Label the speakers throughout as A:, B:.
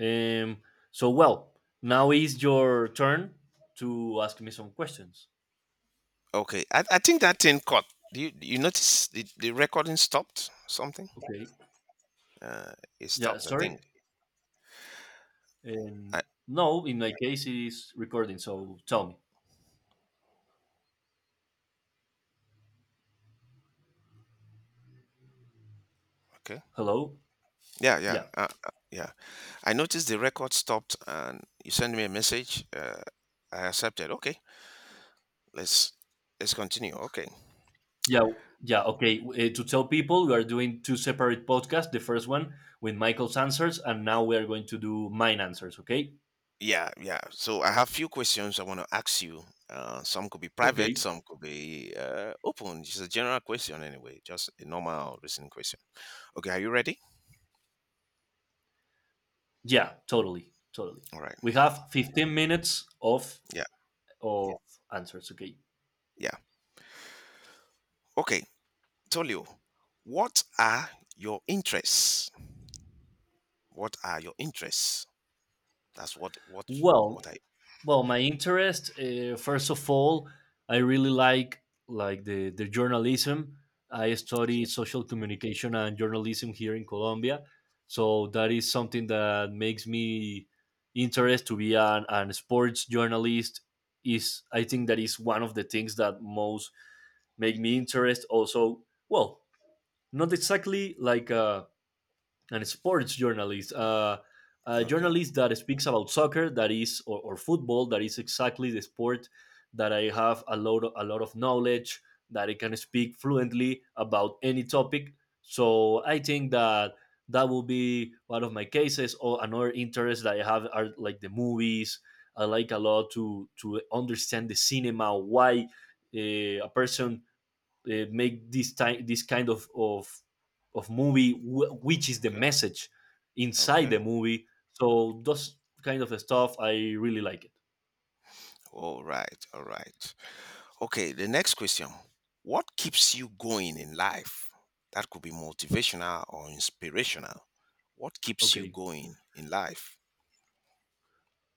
A: Um, so, well, now is your turn to ask me some questions.
B: Okay, I think that thing cut. Do you notice the recording stopped? Something?
A: Okay.
B: Uh, it
A: Yeah,
B: stopped. I
A: sorry.
B: think.
A: Um,
B: I
A: no, in my case, it's recording. So tell me.
B: okay.
A: Hello?
B: Yeah, yeah,
A: Yeah.
B: uh, uh, yeah. I noticed the record stopped, and you sent me a message. I accepted. Okay, let's let's continue. Okay.
A: Yeah. Yeah. Okay. To tell people, we are doing two separate podcasts. The first one with Michael's answers, and now we are going to do mine answers. Okay.
B: Yeah, yeah. So I have few questions I want to ask you. Some could be
A: Okay.
B: private, some could be open. Just a general question, anyway. Just a normal listening question. Okay, are you ready?
A: Yeah, totally. Totally.
B: All right.
A: We have 15 minutes of,
B: Yeah,
A: of answers. Okay.
B: yeah. Okay. Tolio, what are your interests? What are your interests? That's
A: Well,
B: what I
A: well, my interest, first of all, I really like the journalism. I study
B: okay
A: social communication and journalism here in Colombia, so that is something that makes me interest to be an sports journalist. Is i think that is one of the things that most make me interest. Also, well, not exactly like a and sports journalist, a
B: okay
A: journalist that speaks about soccer, that is, or football, that is exactly the sport that I have a lot of knowledge, that I can speak fluently about any topic. So I think that will be one of my cases. Or another interest that I have are like the movies. I like a lot to understand the cinema, why uh, a person make this time this kind of of movie, which is the message inside
B: okay.
A: the movie. So those kind of stuff I really like it.
B: All right, all right. Okay, the next question. What keeps you going in life? That could be motivational or inspirational. What keeps you
A: Okay.
B: going in life?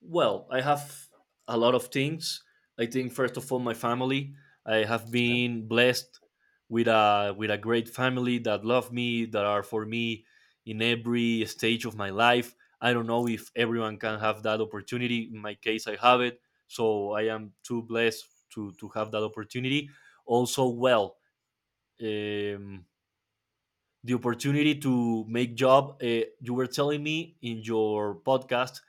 A: Well, I have a lot of things. I think first of all, my family. I have
B: Okay.
A: been blessed with a great family that love me, that are for me in every stage of my life. I don't know
B: Okay.
A: if everyone can have that opportunity. In my case, I have it, so I am too blessed to have that opportunity. Also, well, um, the opportunity to make job. You were telling me in your podcast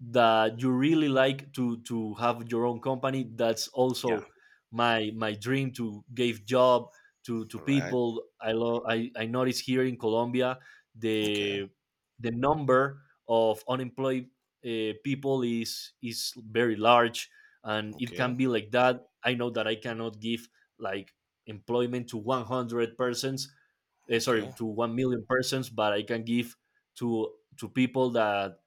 A: that you really like to have your own company. That's
B: Yeah.
A: also my dream, to give job to
B: All right.
A: people I love. I notice here in Colombia
B: Okay.
A: the the number of unemployed people is very large. And it
B: Okay.
A: can be like that. I know that I cannot give like employment to 100 persons, eh, sorry,
B: Okay.
A: to 1 million persons, but I can give to people that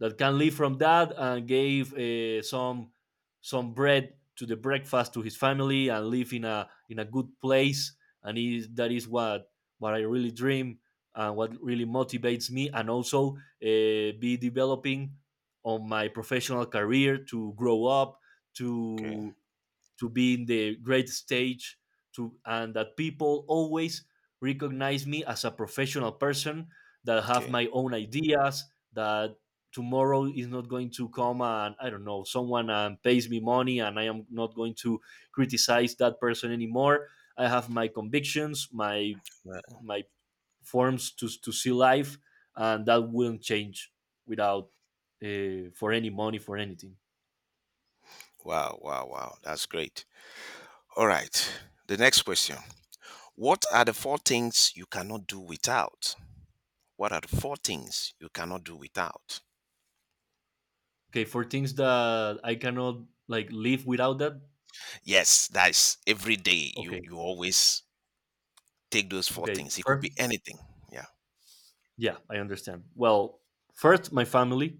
A: that can live from that, and gave some bread to the breakfast to his family and live in a good place. And is, that is what I really dream, and what really motivates me. And also, be developing on my professional career, to grow up,
B: Okay.
A: to to be in the great stage, to and that people always recognize me as a professional person that have
B: Okay.
A: my own ideas, that tomorrow is not going to come and I don't know, someone pays me money and I am not going to criticize that person anymore. I have my convictions, my
B: Right.
A: my forms to see life, and that won't change without, for any money, for anything.
B: Wow. Wow. Wow. That's great. All right. The next question. What are the four things you cannot do without? What are the four things you cannot do without?
A: Okay, for things that I cannot like live without that.
B: Yes, that's every day. You
A: Okay,
B: you always take those four
A: okay.
B: things. It could be
A: First,
B: anything. Yeah.
A: yeah, I understand. Well, first, my family.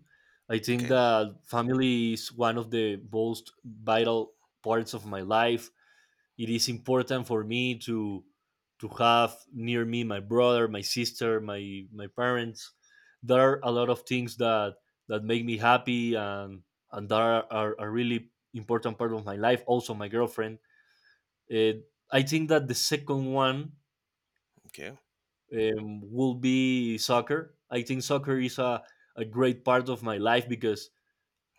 A: I think
B: Okay.
A: that family is one of the most vital parts of my life. It is important for me to have near me my brother, my sister, my parents. There are a lot of things that that make me happy, and that are a really important part of my life. Also, my girlfriend. Uh, I think that the second one,
B: Okay.
A: will be soccer. I think soccer is a great part of my life because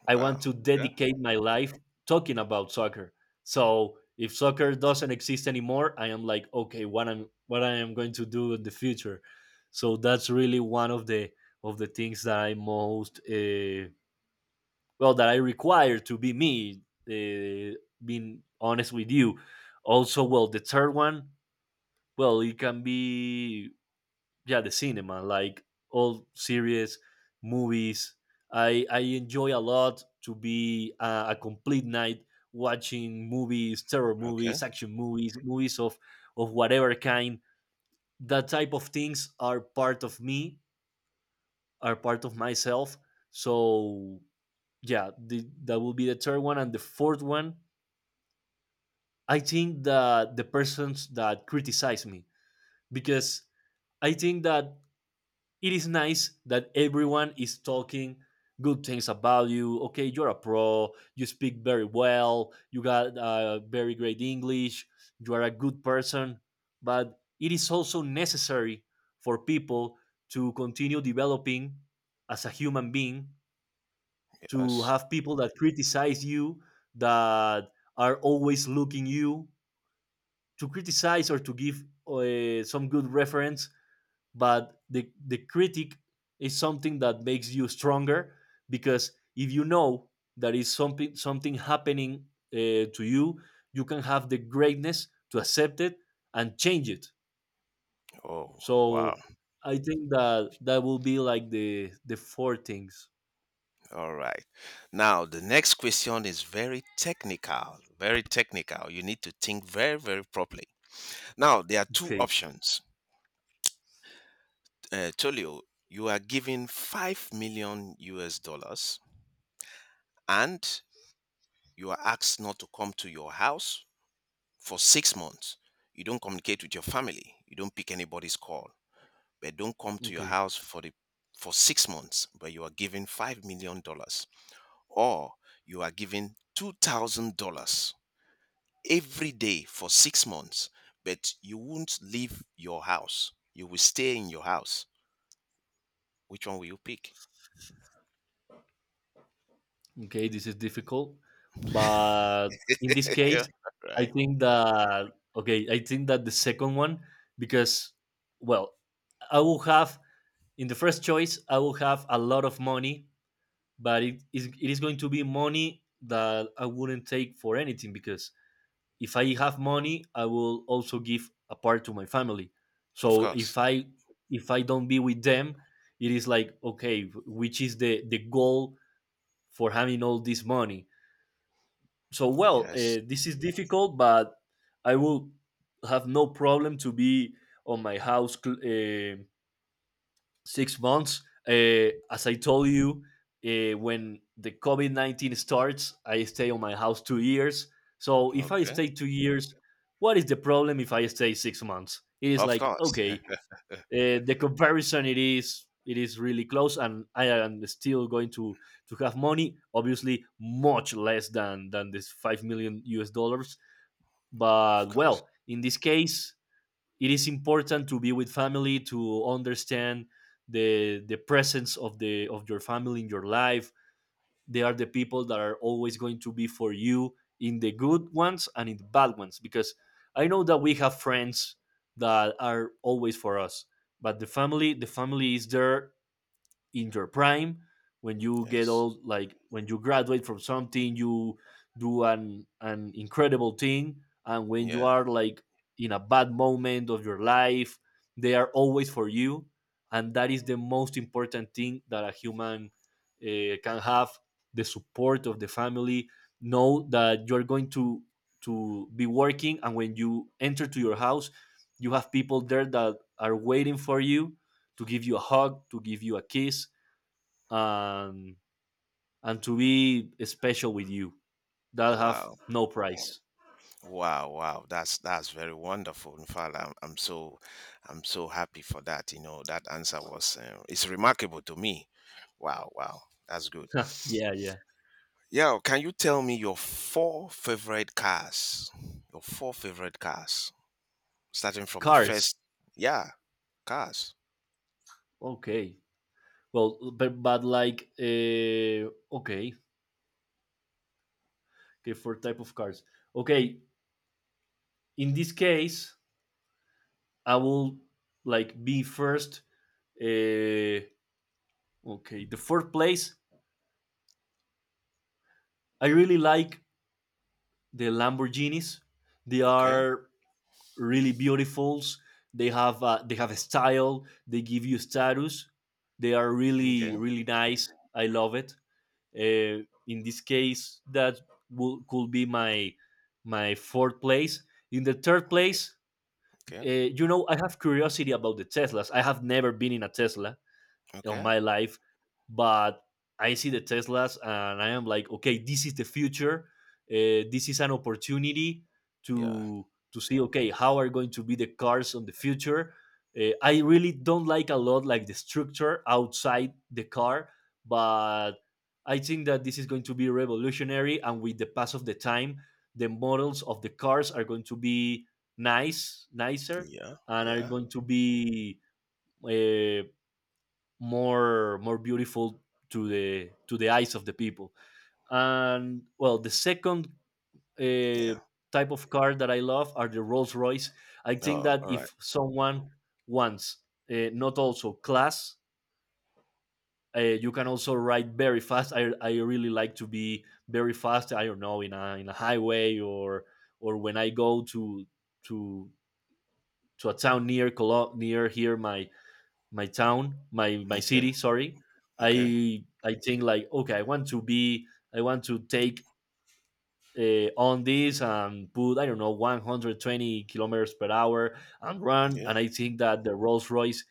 A: I want
B: Wow.
A: to
B: Okay.
A: dedicate my life talking about soccer. So if soccer doesn't exist anymore, I am like, okay, what I'm what I am going to do in the future. So that's really one of the things that I most, well, that I require to be me. Uh, Being honest with you, also well, the third one. Well, it can be, yeah, the cinema, like all series, movies. I enjoy a lot to be a complete night watching movies, terror
B: Okay.
A: movies, action movies, movies of whatever kind. That type of things are part of me, are part of myself. So yeah, that will be the third one, and the fourth one. I think that the persons that criticize me, because I think that it is nice that everyone is talking good things about you. Okay, you're a pro. You speak very well. You got, very great English. You are a good person. But it is also necessary for people to continue developing as a human being, to
B: Yes.
A: have people that criticize you, that are always looking you, to criticize or to give some good reference. But the critic is something that makes you stronger, because if you know that is something, something happening to you, you can have the greatness to accept it and change it.
B: Oh. Wow.
A: So I think that that will be like the four things.
B: All right. Now the next question is very technical. Very technical. You need to think very very properly. Now there are two
A: Okay.
B: options. Tolio, you are given 5 million US dollars and you are asked not to come to your house for 6 months. You don't communicate with your family. You don't pick anybody's call. But don't come to your
A: Okay.
B: house for the for 6 months, but you are given $5 million. Or you are given $2,000 every day for 6 months, but you won't leave your house. You will stay in your house. Which one will you pick?
A: Okay, this is difficult, but in this
B: Yeah,
A: case, I
B: right.
A: think that okay, I think that the second one, because well, I will have, in the first choice I will have a lot of money, but it is going to be money that I wouldn't take for anything, because if I have money I will also give a part to my family.
B: Of
A: So if
B: course.
A: I if I don't be with them, it is like okay, which is the goal for having all this money. So well,
B: Yes.
A: this is difficult, but I will have no problem to be on my house, eh, 6 months. As I told you, when the COVID 19 starts, I stay on my house 2 years. So if I
B: Okay.
A: stay 2 years, what is the problem if I stay 6 months? It is
B: Of
A: like,
B: course.
A: okay, the comparison, it is really close, and I am still going to have money, obviously much less than this 5 million us dollars,
B: Of
A: but
B: course.
A: well, in this case, it is important to be with family, to understand the presence of the of your family in your life. They are the people that are always going to be for you, in the good ones and in the bad ones, because I know that we have friends that are always for us, but the family, the family is there, in your prime, when you get
B: Yes.
A: old, like when you graduate from something, you do an incredible thing, and when you
B: Yeah.
A: are like in a bad moment of your life, they are always for you, and that is the most important thing that a human can have: the support of the family. Know that you're going to be working, and when you enter to your house, you have people there that are waiting for you, to give you a hug, to give you a kiss, and and to be special with you, that have
B: Wow.
A: no price.
B: Wow, wow, that's very wonderful. In fact, I'm so I'm so happy for that. You know, that answer was it's remarkable to me. Wow, wow, that's good.
A: Yeah, yeah.
B: Yeah, can you tell me your four favorite cars? Your four favorite cars, starting from the
A: Cars.
B: first. Yeah, cars.
A: Okay. Well, but like okay, okay, for type of cars. Okay, in this case, I will like be first. Uh, okay, the fourth place. I really like the Lamborghinis. They
B: Okay.
A: are really beautifuls. They have, they have a style. They give you status. They are really
B: Okay.
A: really nice. I love it. In this case, that will, could be my fourth place. In the third
B: Okay.
A: place,
B: Okay.
A: you know, I have curiosity about the Teslas. I have never been in a Tesla on
B: Okay.
A: my life, but I see the Teslas and I am like okay, this is the future. This is an opportunity
B: Yeah.
A: to to see okay, how are going to be the cars on the future. I really don't like a lot like the structure outside the car, but I think that this is going to be revolutionary, and with the pass of the time, the models of the cars are going to be nice, nicer,
B: Yeah.
A: and are
B: Yeah.
A: going to be uh, more more beautiful to the eyes of the people. And well, the second uh,
B: Yeah.
A: type of car that I love are the Rolls Royce. I think
B: Oh,
A: that
B: all right.
A: if someone wants not also class, you can also ride very fast. I really like to be very fast. I don't know, in a highway, or when I go to to to a town near near here my my town, my
B: Okay.
A: city. Sorry,
B: Okay.
A: I think like okay, I want to be, I want to take on this and put, I don't know, 120 kilometers per hour, and run.
B: Yeah.
A: And I think that the Rolls Royce,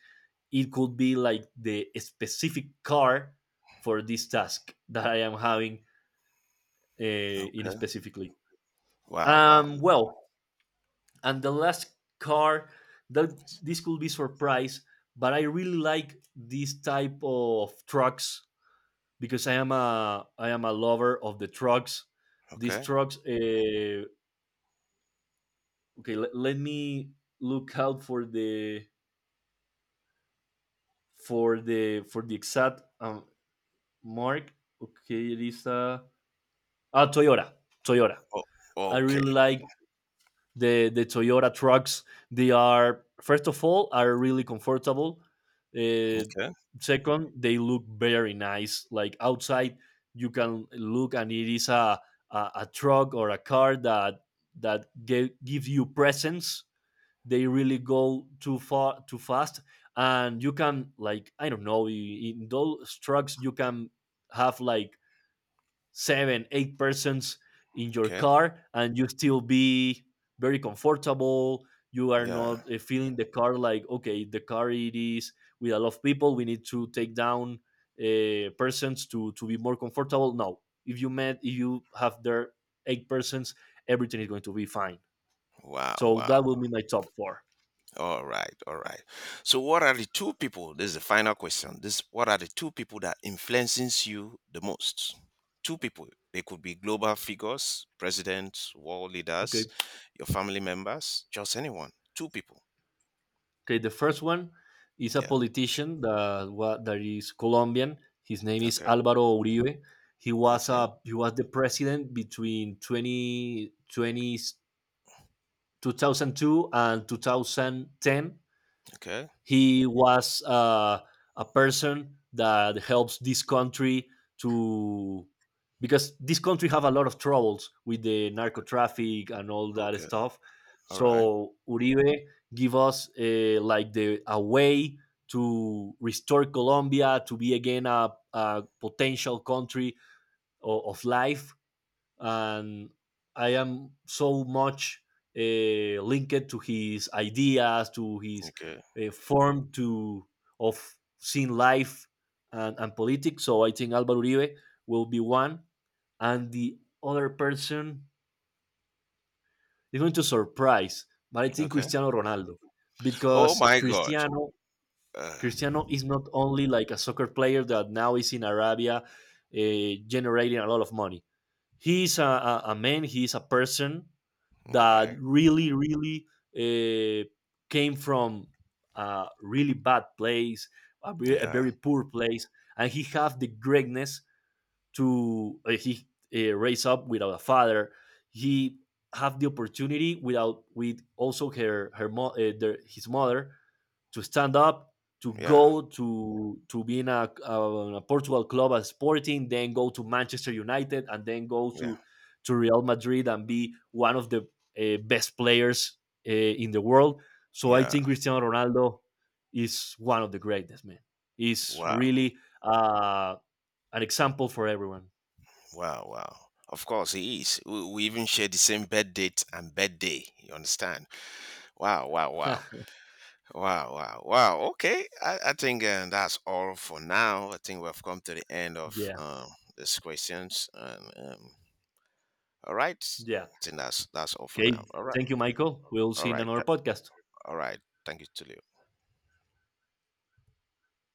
A: it could be like the specific car for this task that I am having uh, in
B: Okay.
A: specifically.
B: Wow. Wow.
A: Well, and the last car that, this could be surprise, but I really like this type of trucks, because I am a lover of the trucks. These
B: Okay.
A: trucks, okay, let me look out for the for the for the exact mark. Okay, it is a ah Toyota, Toyota.
B: Oh,
A: I
B: okay.
A: really like the Toyota trucks. They are first of all are really comfortable. Uh,
B: Okay.
A: Second, they look very nice. Like outside, you can look, and it is a a truck or a car that that gives you presence. They really go too far, too fast, and you can like I don't know, in those trucks you can have like seven, eight persons in your
B: Okay.
A: car, and you still be very comfortable. You are
B: Yeah.
A: not feeling the car like okay, the car it is with a lot of people. We need to take down persons to be more comfortable. No, if you met if you have there eight persons, everything is going to be fine.
B: Wow.
A: So that
B: Wow.
A: will be my top four.
B: All right. All right. So, what are the two people? This is the final question. This. What are the two people that influences you the most? Two people. They could be global figures, presidents, world
A: Okay.
B: leaders, your family members, just anyone. Two people.
A: Okay, the first one is a
B: Yeah.
A: politician that that is Colombian. His name is
B: Okay.
A: Álvaro Uribe. He was
B: Okay.
A: a he was the president between 20 20 2002 and 2010.
B: Okay.
A: He was a person that helps this country to, because this country have a lot of troubles with the narco
B: Okay.
A: traffic and all that
B: Okay.
A: stuff.
B: All right.
A: So Uribe give us, like the a way to restore Colombia, to be again a potential country of life, and I am so much linked to his ideas, to his
B: Okay.
A: form to of seeing life and politics. So I think Álvaro Uribe will be one, and the other person is going to surprise. But I think
B: Okay.
A: Cristiano Ronaldo,
B: Oh
A: because
B: my God.
A: Cristiano,
B: Uh,
A: Cristiano is not only like a soccer player that now is in Arabia, generating a lot of money. He's a man, he's a person
B: all
A: that
B: right.
A: really, really uh, came from a really bad place, a
B: Yeah.
A: very poor place, and he have the greatness to, he raised up without a father. He have the opportunity without with also her his mother to stand up, to
B: Yeah.
A: go to be in a Portugal club as Sporting, then go to Manchester United, and then go
B: Yeah.
A: to Real Madrid, and be one of the best players in the world. So I
B: Yeah.
A: think Cristiano Ronaldo is one of the greatest. Man, he's
B: Wow.
A: really an example for everyone.
B: Wow, wow. Of course, he is. We even share the same bed date and bed day. You understand? Wow, wow, wow, wow, wow, wow. Okay, I think that's all for now. I think we've come to the end of
A: Yeah,
B: these questions. And all right,
A: yeah.
B: I think that's all for now.
A: Okay. Thank you, Michael. We'll
B: All
A: see in
B: right,
A: another
B: th-
A: podcast.
B: all right. Thank you, Tulio.